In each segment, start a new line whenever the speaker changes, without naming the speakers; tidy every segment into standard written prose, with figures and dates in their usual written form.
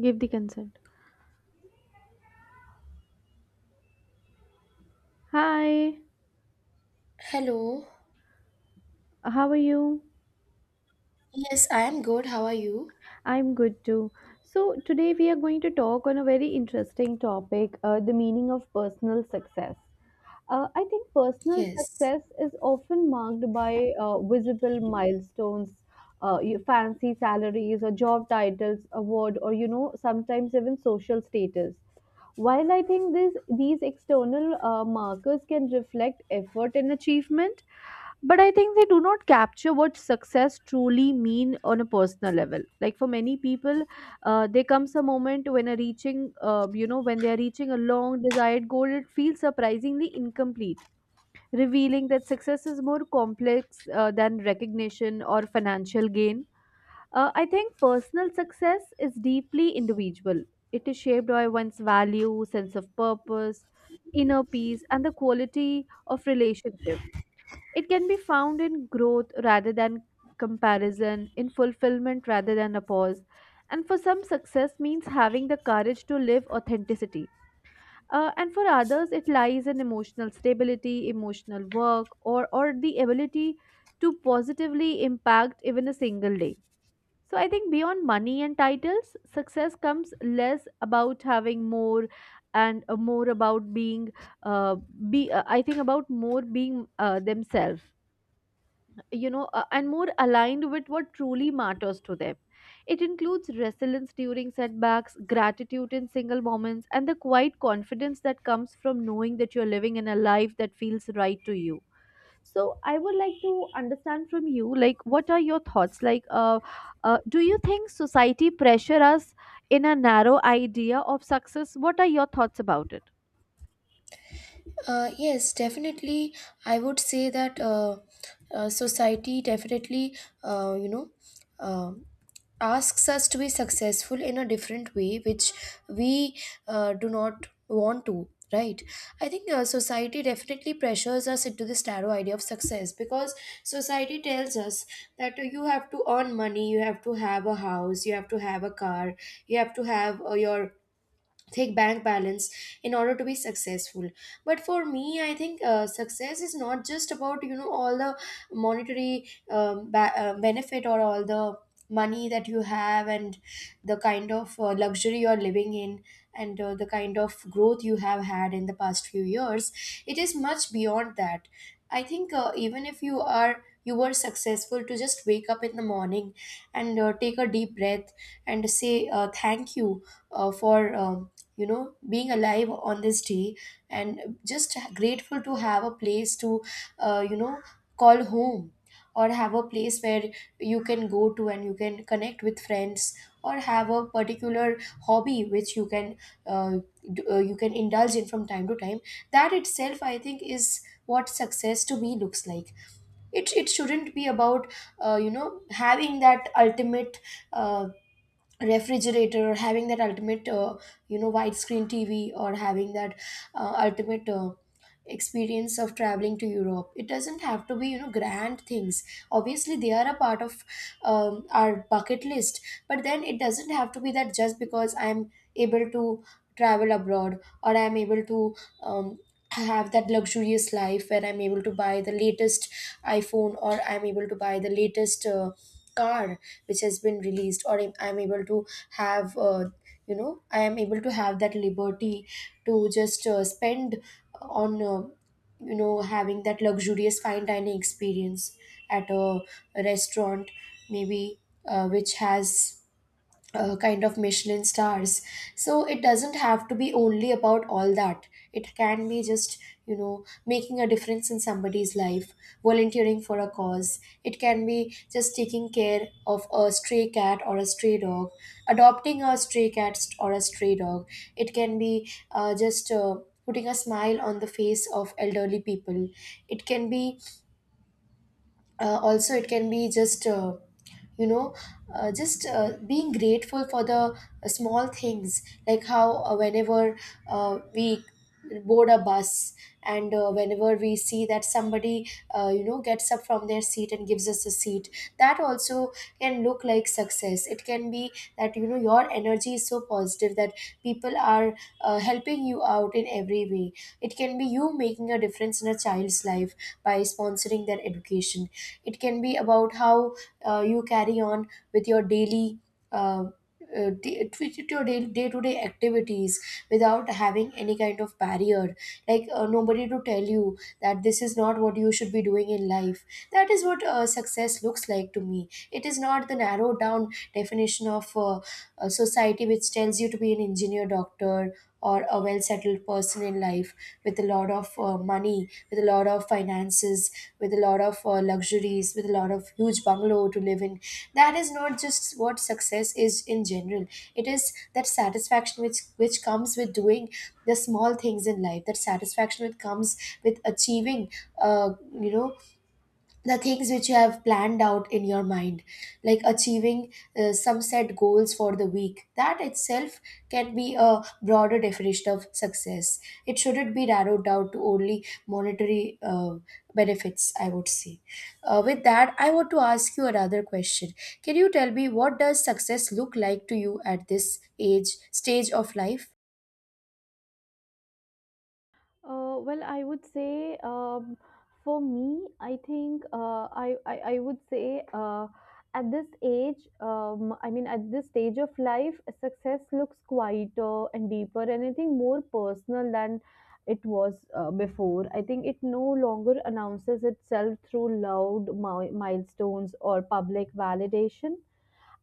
Give the consent. Hi,
Hello.
how are you?
Yes, I am good. How are you?
I'm good too. Today we are going to talk on a very interesting topic, the meaning of personal success. I think personal
Yes.
success is often marked by visible milestones, your fancy salaries, or job titles, award, or sometimes even social status. While I think these external markers can reflect effort and achievement, but I think they do not capture what success truly mean on a personal level. Like for many people, there comes a moment when a reaching, when they are reaching a long desired goal, it feels surprisingly incomplete, revealing that success is more complex than recognition or financial gain. I think personal success is deeply individual. It is shaped by one's value, sense of purpose, inner peace, and the quality of relationship. It can be found in growth rather than comparison, in fulfillment rather than a pause. And for some, success means having the courage to live authenticity. And for others, it lies in emotional stability, emotional work, or the ability to positively impact even a single day. So I think beyond money and titles, success comes less about having more and, more about being, uh, I think about more being themselves, and more aligned with what truly matters to them. It includes resilience during setbacks, gratitude in single moments, and the quiet confidence that comes from knowing that you're living in a life that feels right to you. So I would like to understand from you, like, what are your thoughts? Do you think society pressure us in a narrow idea of success? What are your thoughts about it?
Yes, definitely. I would say that Society definitely, uh, you know, um asks us to be successful in a different way, which we do not want to. Right. I think society definitely pressures us into this narrow idea of success because society tells us that you have to earn money, you have to have a house, you have to have a car, you have to have your thick bank balance in order to be successful. But for me, I think success is not just about, you know, all the monetary benefit, or all the money that you have, and the kind of luxury you're living in, and the kind of growth you have had in the past few years. It is much beyond that. I think even if you were successful to just wake up in the morning and take a deep breath and say thank you for um, you know, being alive on this day, and just grateful to have a place to, you know, call home, or have a place where you can go to and you can connect with friends, or have a particular hobby which you can uh, you can indulge in from time to time. That itself, I think, is what success to me looks like. It shouldn't be about, you know, having that ultimate uh, refrigerator, or having that ultimate, you know, widescreen TV, or having that ultimate experience of traveling to Europe. It doesn't have to be, you know, grand things. Obviously, they are a part of our bucket list, but then it doesn't have to be that. Just because I'm able to travel abroad, or I'm able to um, have that luxurious life where I'm able to buy the latest iPhone, or I'm able to buy the latest car which has been released, or I'm able to have, you know, I am able to have that liberty to just spend on, you know, having that luxurious fine dining experience at a restaurant, maybe, which has kind of Michelin stars. So it doesn't have to be only about all that. It can be just, you know, making a difference in somebody's life, volunteering for a cause. It can be just taking care of a stray cat or a stray dog, adopting a stray cat st- or a stray dog. It can be just. Putting a smile on the face of elderly people. It can be also, it can be just, you know just being grateful for the small things, like how, whenever we board a bus, and whenever we see that somebody, you know, gets up from their seat and gives us a seat, that also can look like success. It can be that, you know, your energy is so positive that people are helping you out in every way. It can be you making a difference in a child's life by sponsoring their education. It can be about how you carry on with your daily uh, with your day to day activities without having any kind of barrier, like nobody to tell you that this is not what you should be doing in life. That is what success looks like to me. It is not the narrow down definition of a society which tells you to be an engineer, doctor, or a well settled person in life, with a lot of money, with a lot of finances, with a lot of luxuries, with a lot of huge bungalow to live in. That is not just what success is in general. It is that satisfaction which comes with doing the small things in life. That satisfaction which comes with achieving, uh, you know, the things which you have planned out in your mind, like achieving some set goals for the week. That itself can be a broader definition of success. It shouldn't be narrowed down to only monetary benefits, I would say. With that, I want to ask you another question. Can you tell me what does success look like to you at this age, stage of life?
Well, I would say, for me, I think I would say, at this age, I mean at this stage of life, success looks quieter and deeper, and I think more personal than it was before. I think it no longer announces itself through loud milestones or public validation.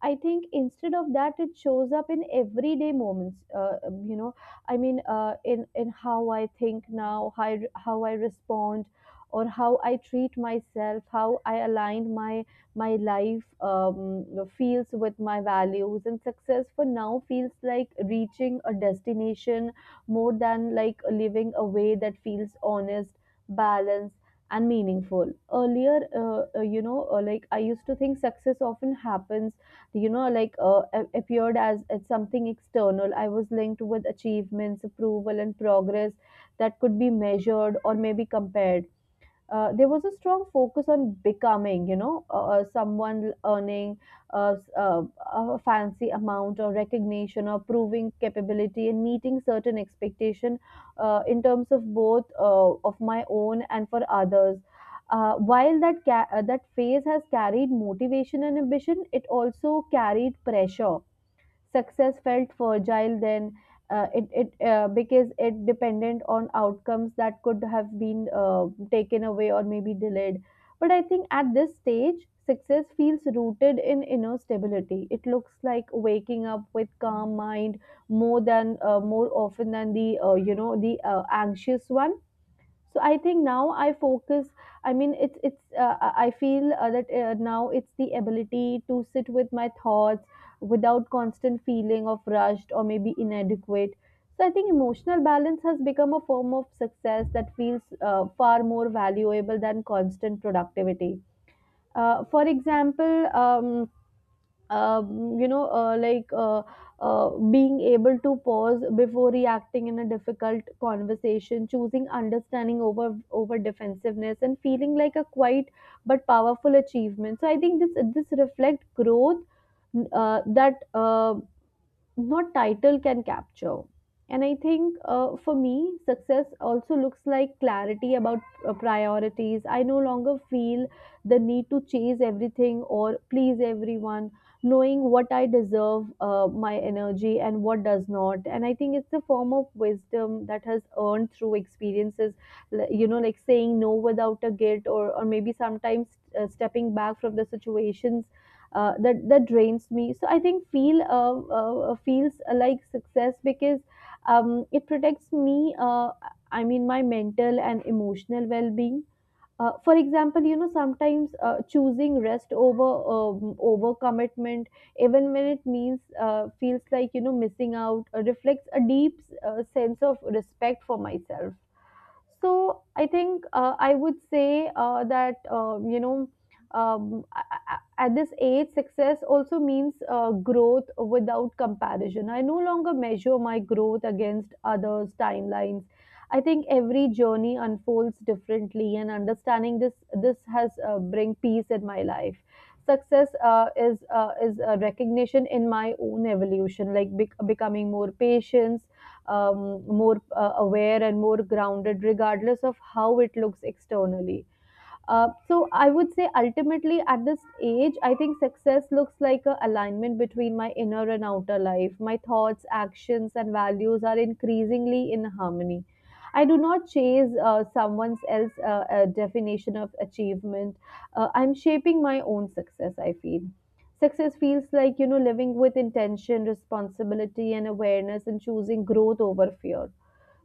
I think instead of that, it shows up in everyday moments. In how I think now, how I respond, or how I treat myself, how I align my life, feels with my values and success. For now, feels like reaching a destination more than like living a way that feels honest, balanced, and meaningful. Earlier, like I used to think success often happens, appeared as something external. I was linked with achievements, approval, and progress that could be measured or maybe compared. There was a strong focus on becoming, you know, someone earning uh, s- uh, a fancy amount or recognition, or proving capability and meeting certain expectation, in terms of both, of my own and for others. While that phase has carried motivation and ambition, it also carried pressure. Success felt fragile then, it it because it depended on outcomes that could have been taken away or maybe delayed. But I think at this stage success feels rooted in inner stability. It looks like waking up with calm mind more than, more often than the, the anxious one. So I think now I focus, I mean it's I feel that now it's the ability to sit with my thoughts without constant feeling of rushed or maybe inadequate. So I think emotional balance has become a form of success that feels far more valuable than constant productivity. For example, um, you know, uh, like uh, being able to pause before reacting in a difficult conversation, choosing understanding over defensiveness, and feeling like a quiet but powerful achievement. So I think this reflect growth that not title can capture. And I think, for me, success also looks like clarity about priorities. I no longer feel the need to chase everything or please everyone, knowing what I deserve, my energy, and what does not. And I think it's a form of wisdom that has earned through experiences, you know, like saying no without a guilt, or maybe sometimes stepping back from the situations that drains me. So I think feels like success because, it protects me. I mean my mental and emotional well being. For example, you know, sometimes choosing rest over, over commitment, even when it means, feels like you know missing out, reflects a deep sense of respect for myself. So I think, I would say, that you know a- at this age, success also means growth without comparison. I no longer measure my growth against others' timelines. I think every journey unfolds differently, and understanding this has bring peace in my life. Success is a recognition in my own evolution, like becoming more patient, um, more aware, and more grounded, regardless of how it looks externally. So I would say ultimately at this age, I think success looks like a alignment between my inner and outer life. My thoughts, actions, and values are increasingly in harmony. I do not chase someone else's definition of achievement. I'm shaping my own success. I feel success feels like you know living with intention, responsibility, and awareness, and choosing growth over fear.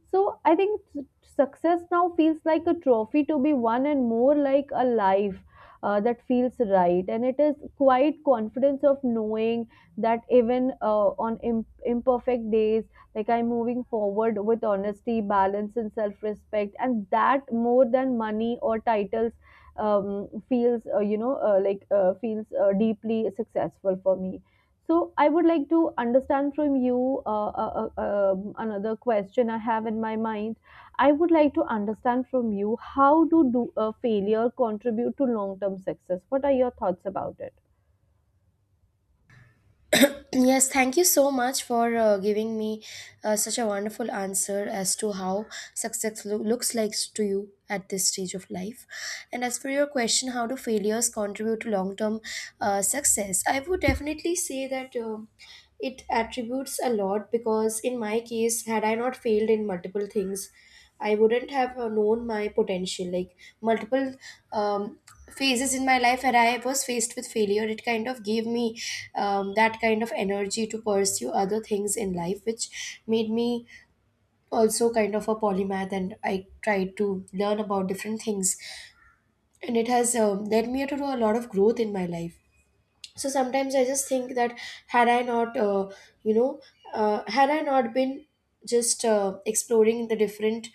So I think success now feels like a trophy to be won and more like a life that feels right. And it is quite confidence of knowing that even on imperfect days, like I'm moving forward with honesty, balance, and self respect. And that more than money or titles, feels, you know, like feels deeply successful for me. So I would like to understand from you, another question I have in my mind. I would like to understand from you, do failure contribute to long term success? What are your thoughts about it?
Yes, thank you so much for giving me such a wonderful answer as to how looks like to you at this stage of life. And as for your question, how do failures contribute to long term success? I would definitely say that. It attributes a lot, because in my case, had I not failed in multiple things, I wouldn't have known my potential. Like, multiple um, phases in my life where I was faced with failure, it kind of gave me that kind of energy to pursue other things in life, which made me also kind of a polymath, and I tried to learn about different things, and it has led me to do a lot of growth in my life. So sometimes I just think that, had I not you know had I not been just exploring the different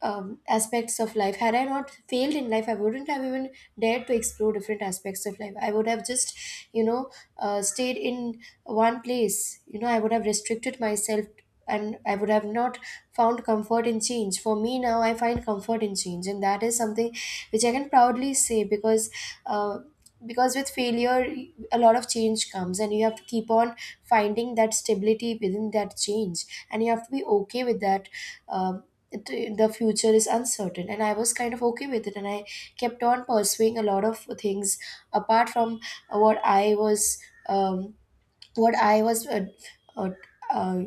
aspects of life. Had I not failed in life, I wouldn't have even dared to explore different aspects of life. I would have just, you know, stayed in one place. You know, I would have restricted myself, and I would have not found comfort in change. For me now, I find comfort in change, and that is something which I can proudly say because. Uh, because with failure, a lot of change comes, and you have to keep on finding that stability within that change, and you have to be okay with that. um, the future is uncertain, and I was kind of okay with it, and I kept on pursuing a lot of things apart from what I was, um, what I was uh, uh,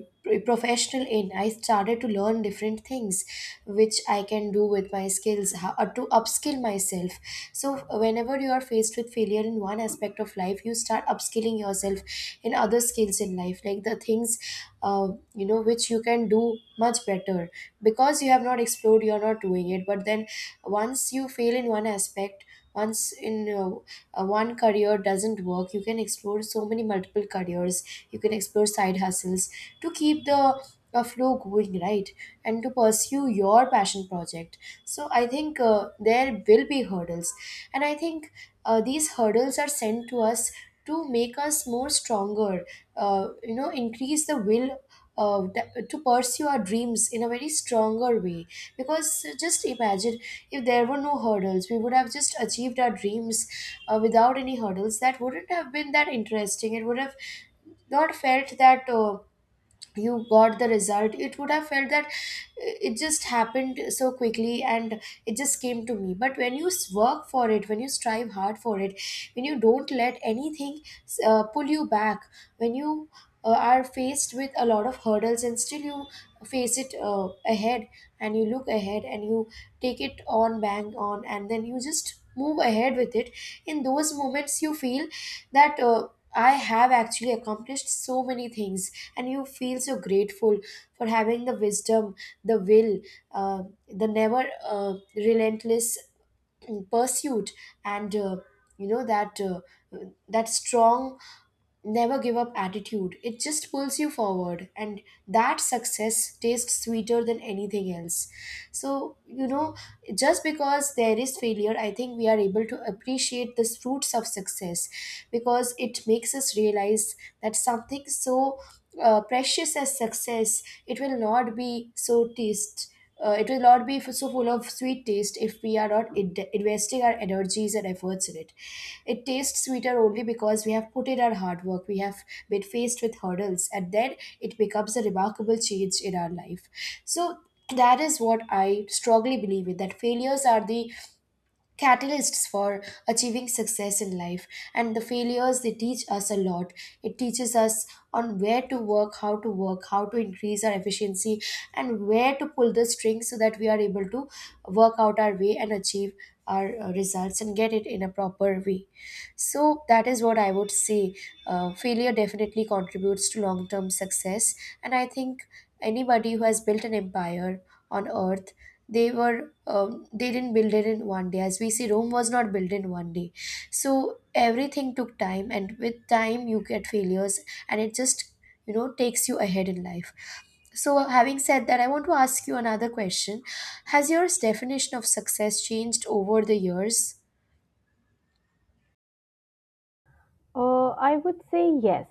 professional in. I started to learn different things which I can do with my skills, how to upskill myself. So, whenever you are faced with failure in one aspect of life, you start upskilling yourself in other skills in life, like the things, you know, which you can do much better because you have not explored, you're not doing it. But then, once you fail in one aspect, once in one career doesn't work, you can explore so many multiple careers. You can explore side hustles to keep the flow going, right, and to pursue your passion project. So I think there will be hurdles, and I think these hurdles are sent to us to make us more stronger, you know, increase the will to pursue our dreams in a very stronger way. Because just imagine, if there were no hurdles, we would have just achieved our dreams without any hurdles. That wouldn't have been that interesting. It would have not felt that you got the result. It would have felt that it just happened so quickly and it just came to me. But when you work for it, when you strive hard for it, when you don't let anything pull you back, when you are faced with a lot of hurdles, and still you face it ahead, and you look ahead, and you take it on bang on, and then you just move ahead with it. In those moments, you feel that, I have actually accomplished so many things, and you feel so grateful for having the wisdom, the will, uh, the never relentless pursuit, and, you know that uh, that strong never give up attitude. It just pulls you forward, and that success tastes sweeter than anything else. So, you know, just because there is failure, I think we are able to appreciate the fruits of success, because it makes us realize that something so precious as success, it will not be so taste. It will not be so full of sweet taste if we are not investing our energies and efforts in it. It tastes sweeter only because we have put in our hard work, we have been faced with hurdles, and then it becomes a remarkable change in our life. So, that is what I strongly believe in, that failures are the catalysts for achieving success in life. And the failures, they teach us a lot. It teaches us on where to work, how to work, how to increase our efficiency, and where to pull the strings so that we are able to work out our way and achieve our results and get it in a proper way. So that is what I would say. Failure definitely contributes to long term success. And I think anybody who has built an empire on earth, they were they didn't build it in one day. As we see, Rome was not built in one day. So everything took time, and with time you get failures, and it just, takes you ahead in life. So having said that, I want to ask you another question. Has your definition of success changed over the years?
I would say yes.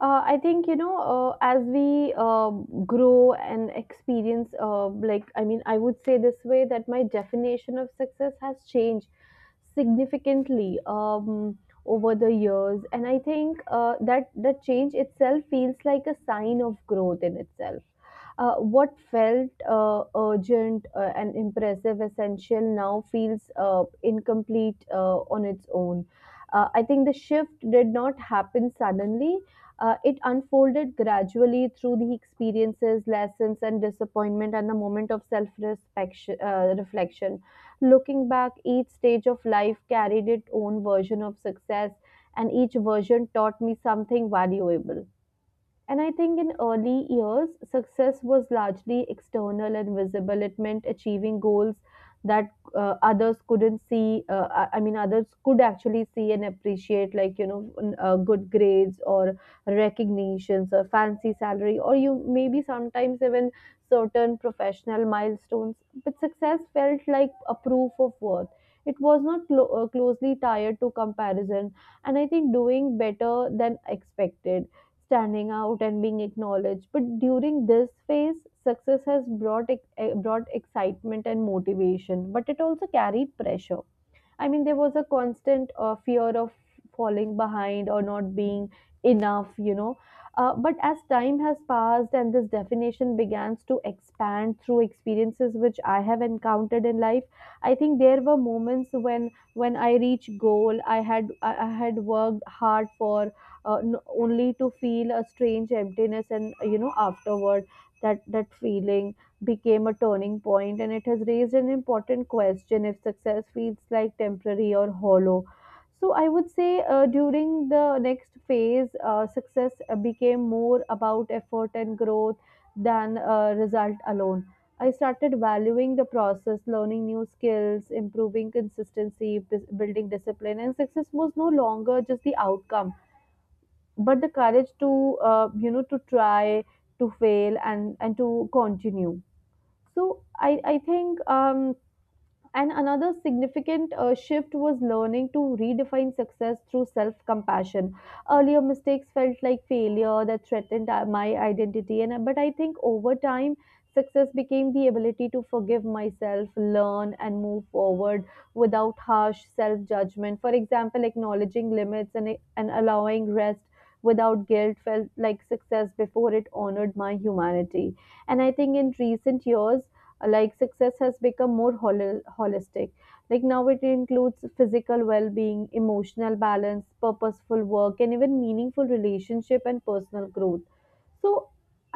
I think, you know, as we grow and experience, I mean, I would say this way that my definition of success has changed significantly, over the years. And I think that the change itself feels like a sign of growth in itself. What felt urgent and impressive, essential now feels incomplete on its own. I think the shift did not happen suddenly. It unfolded gradually through the experiences, lessons, and disappointment, and the moment of self reflection. Looking back, each stage of life carried its own version of success, and each version taught me something valuable. And I think in early years, success was largely external and visible. It meant achieving goals that others couldn't see. I mean, others could actually see and appreciate, like, you know, good grades or recognitions or fancy salary, or you maybe sometimes even certain professional milestones. But success felt like a proof of worth. It was not closely tied to comparison, and I think doing better than expected, standing out, and being acknowledged. But during this phase, success has brought excitement and motivation, but it also carried pressure. I mean, there was a constant fear of falling behind or not being enough, you know. But as time has passed and this definition begins to expand through experiences which I have encountered in life, I think there were moments when I reached goal, I had worked hard for, uh, n- only to feel a strange emptiness, and you know afterward that feeling became a turning point, and it has raised an important question if success feels like temporary or hollow. So, I would say during the next phase, success became more about effort and growth than result alone. I started valuing the process, learning new skills, improving consistency, building discipline, and success was no longer just the outcome, but the courage to, you know, to try, to fail, and to continue. So I think, and another significant shift was learning to redefine success through self-compassion. Earlier mistakes felt like failure that threatened my identity, and but I think over time success became the ability to forgive myself, learn, and move forward without harsh self-judgment. For example, acknowledging limits and allowing rest without guilt felt like success before it honored my humanity, and I think in recent years, like success has become more holistic, like now it includes physical well-being, emotional balance, purposeful work, and even meaningful relationship and personal growth. So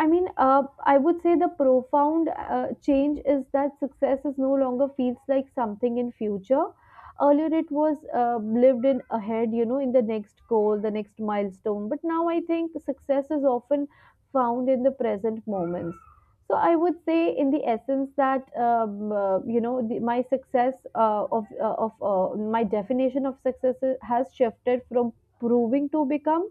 I would say the profound change is that success is no longer feels like something in future. Earlier it was lived in ahead, in the next goal, the next milestone, but now I think success is often found in the present moments. So I would say, in the essence, that my success of my definition of success has shifted from proving to become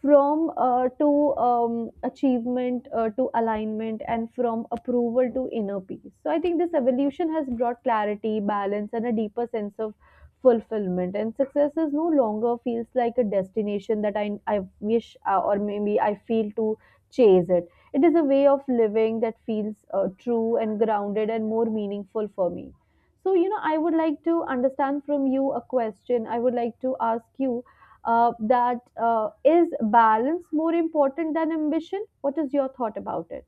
from to achievement to alignment and from approval to inner peace. So I think this evolution has brought clarity, balance, and a deeper sense of fulfillment, and success is no longer feels like a destination that I wish or maybe I feel to chase it. It is a way of living that feels true and grounded and more meaningful for me. So, you know, I would like to understand from you, a question I would like to ask you, that is balance more important than ambition? What is your thought about it?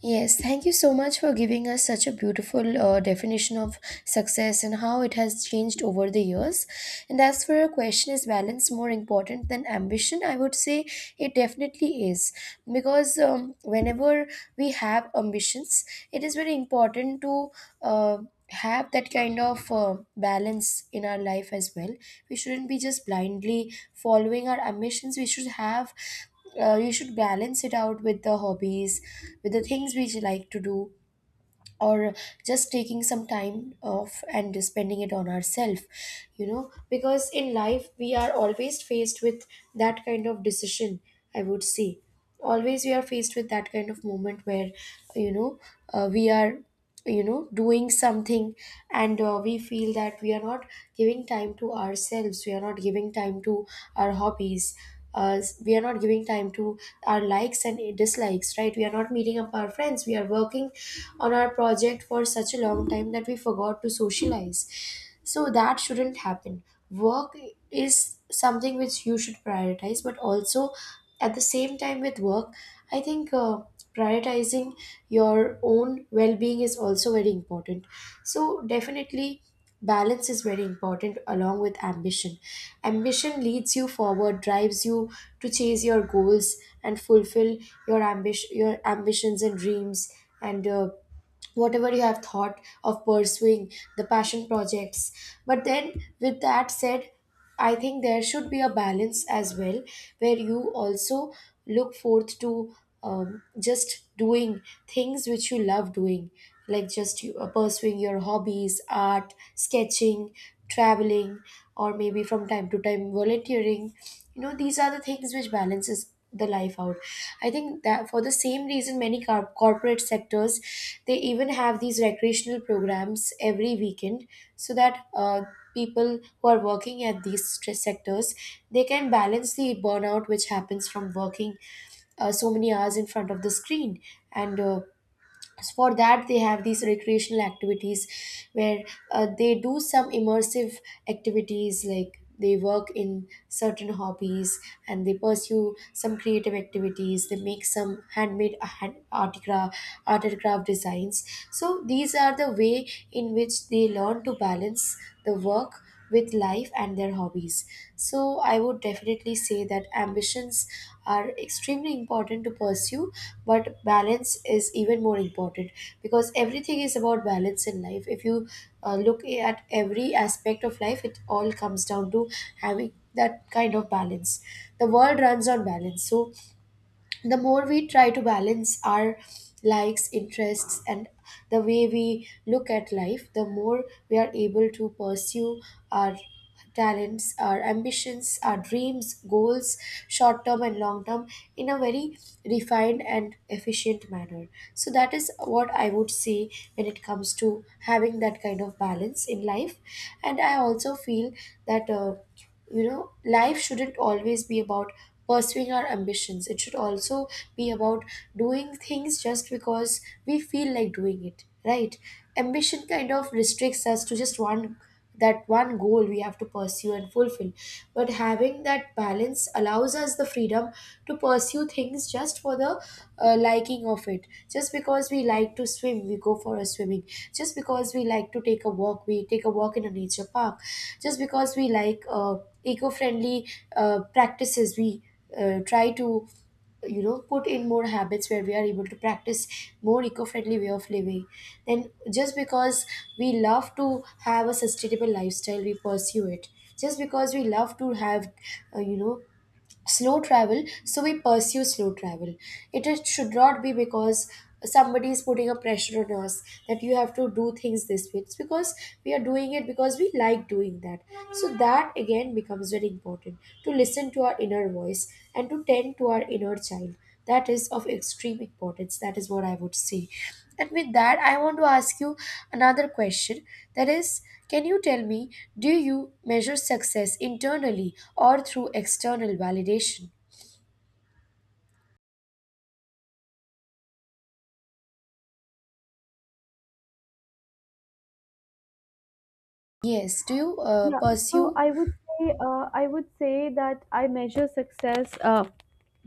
Yes, thank you so much for giving us such a beautiful definition of success and how it has changed over the years. And as for your question, is balance more important than ambition? I would say it definitely is, because whenever we have ambitions, it is very important to uh, have that kind of balance in our life as well. We shouldn't be just blindly following our ambitions. We should have, you should balance it out with the hobbies, with the things we like to do, or just taking some time off and spending it on ourselves. You know, because in life we are always faced with that kind of decision. I would say always we are faced with that kind of moment where, you know we are, doing something, and we feel that we are not giving time to ourselves, we are not giving time to our hobbies, we are not giving time to our likes and dislikes, right? We are not meeting up our friends, we are working on our project for such a long time that we forgot to socialize. So that shouldn't happen. Work is something which you should prioritize, but also, at the same time, with work, I think prioritizing your own well-being is also very important. So definitely balance is very important along with ambition. Ambition leads you forward, drives you to chase your goals and fulfill your ambition, your ambitions and dreams, and whatever you have thought of pursuing, the passion projects. But then, with that said, I think there should be a balance as well, where you also look forth to just doing things which you love doing, like just pursuing your hobbies, art, sketching, traveling, or maybe from time to time volunteering. You know, these are the things which balances the life out. I think that for the same reason many corporate sectors, they even have these recreational programs every weekend, so that people who are working at these stress sectors, they can balance the burnout which happens from working so many hours in front of the screen. And so, for that, they have these recreational activities where they do some immersive activities, like they work in certain hobbies, and they pursue some creative activities. They make some handmade, art and craft designs. So these are the way in which they learn to balance the work with life and their hobbies. So, I would definitely say that ambitions are extremely important to pursue, but balance is even more important, because everything is about balance in life. If you look at every aspect of life, it all comes down to having that kind of balance. The world runs on balance. So, the more we try to balance our likes, interests, and the way we look at life, the more we are able to pursue our talents, our ambitions, our dreams, goals, short term and long term, in a very refined and efficient manner. So that is what I would say when it comes to having that kind of balance in life. And I also feel that, you know life shouldn't always be about pursuing our ambitions. It should also be about doing things just because we feel like doing it, right? Ambition kind of restricts us to just one, that one goal we have to pursue and fulfill. But having that balance allows us the freedom to pursue things just for the liking of it. Just because we like to swim we go for a swimming. Just because we like to take a walk, we take a walk in a nature park. Just because we like eco-friendly practices, we try to, put in more habits where we are able to practice more eco-friendly way of living. Then just because we love to have a sustainable lifestyle, we pursue it. Just because we love to have, slow travel, so we pursue slow travel. It is, should not be because somebody is putting a pressure on us that you have to do things this way. It's because we are doing it because we like doing that. So that again becomes very important, to listen to our inner voice and to tend to our inner child. That is of extreme importance. That is what I would say. And with that I want to ask you another question, that is, can you tell me, do you measure success internally or through external validation? Yes, do you
Yeah. So
pursue.
I would say I would say that I measure success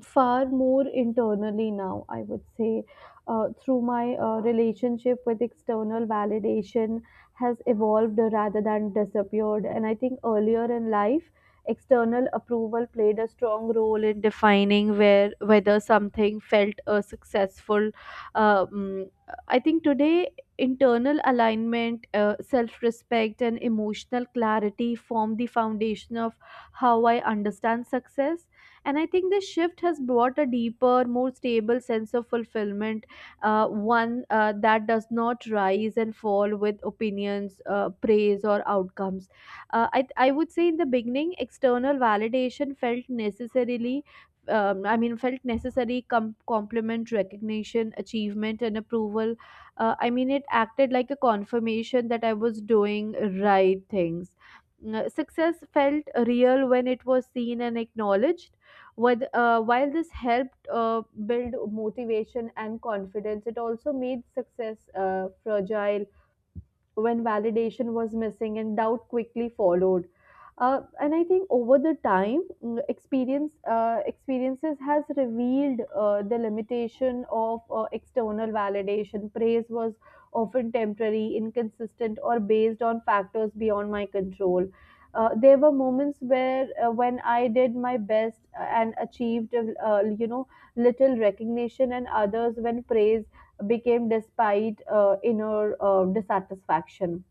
far more internally now. I would say through my relationship with external validation has evolved rather than disappeared. And I think earlier in life, external approval played a strong role in defining where whether something felt successful. um, I think today internal alignment, self respect, and emotional clarity form the foundation of how I understand success. And I think this shift has brought a deeper, more stable sense of fulfillment, one that does not rise and fall with opinions, praise, or outcomes. I would say in the beginning, external validation felt necessarily. I mean, felt necessary compliment, recognition, achievement, and approval. I mean, it acted like a confirmation that I was doing right things. Mm, success felt real when it was seen and acknowledged with, while this helped build motivation and confidence, it also made success fragile when validation was missing and doubt quickly followed. And I think over the time, experiences has revealed the limitation of external validation. Praise was often temporary, inconsistent, or based on factors beyond my control. There were moments where when I did my best and achieved, little recognition, and others when praise became despite inner dissatisfaction.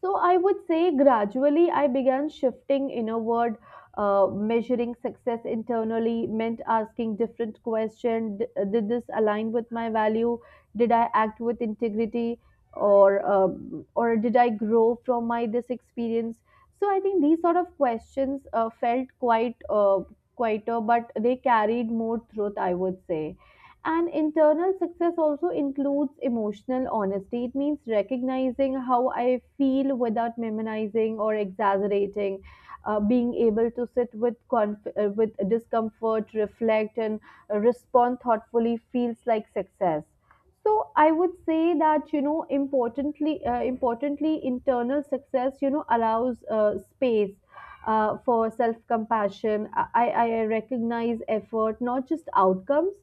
So I would say gradually I began shifting inward, measuring success internally, meant asking different questions. Did this align with my value? Did I act with integrity? Or did I grow from my this experience? So I think these sort of questions felt quite quieter, but they carried more truth, I would say. And internal success also includes emotional honesty. It means recognizing how I feel without minimizing or exaggerating, being able to sit with with discomfort, reflect, and respond thoughtfully feels like success. So I would say that, you know, importantly, internal success, you know, allows space for self compassion. I recognize effort, not just outcomes,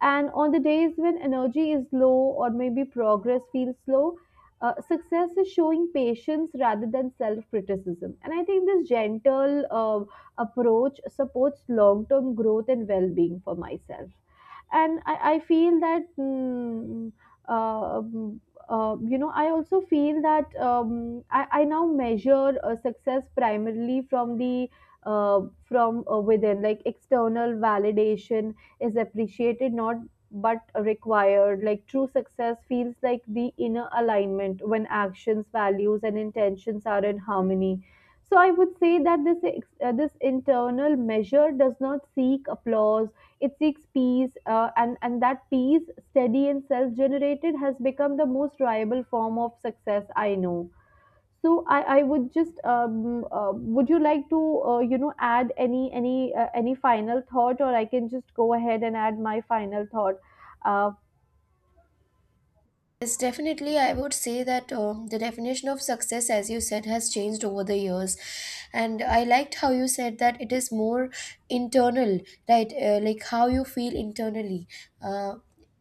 and on the days when energy is low or maybe progress feels slow, success is showing patience rather than self criticism. And I think this gentle approach supports long term growth and well being for myself. And I feel that uh, um, I also feel that I now measure success primarily from the from within, like external validation is appreciated, not but required, like true success feels like the inner alignment when actions, values, and intentions are in harmony. So I would say that this this internal measure does not seek applause, it seeks peace, and that peace, steady and self generated, has become the most reliable form of success I know. So I would just would you like to add any any final thought, or I can just go ahead and add my final thought uh,
Yes, definitely. I would say that, the definition of success, as you said, has changed over the years. And I liked how you said that it is more internal, right? Like how you feel internally. Uh,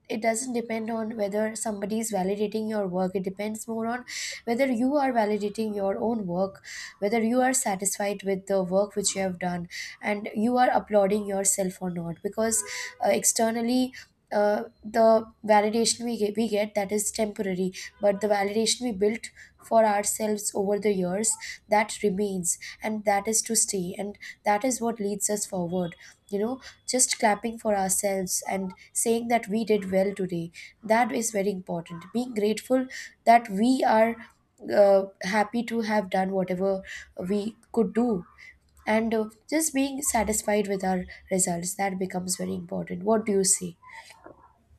it doesn't depend on whether somebody is validating your work. It depends more on whether you are validating your own work, whether you are satisfied with the work which you have done, and you are applauding yourself or not. Because externally, the validation we get, that is temporary. But the validation we built for ourselves over the years, that remains, and that is to stay, and that is what leads us forward. You know, just clapping for ourselves and saying that we did well today, that is very important. Being grateful that we are happy to have done whatever we could do, and just being satisfied with our results, that becomes very important. What do you say?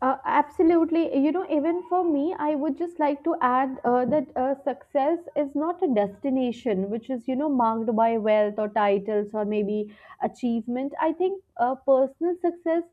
Absolutely. You know, even for me, I would just like to add that success is not a destination which is, you know, marked by wealth or titles or maybe achievement. I think personal success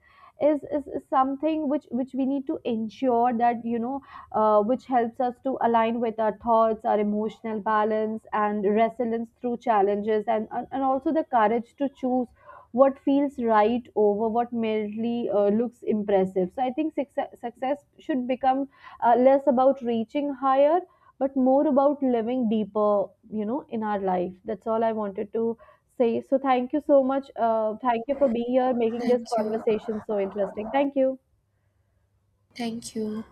is something which we need to ensure that, you know, which helps us to align with our thoughts, our emotional balance and resilience through challenges, and also the courage to choose what feels right over what merely looks impressive. So I think success should become less about reaching higher, but more about living deeper, you know, in our life. That's all I wanted to say. So thank you so much. Thank you for being here, making this
Thank you.
conversation so interesting. Thank you.
Thank you.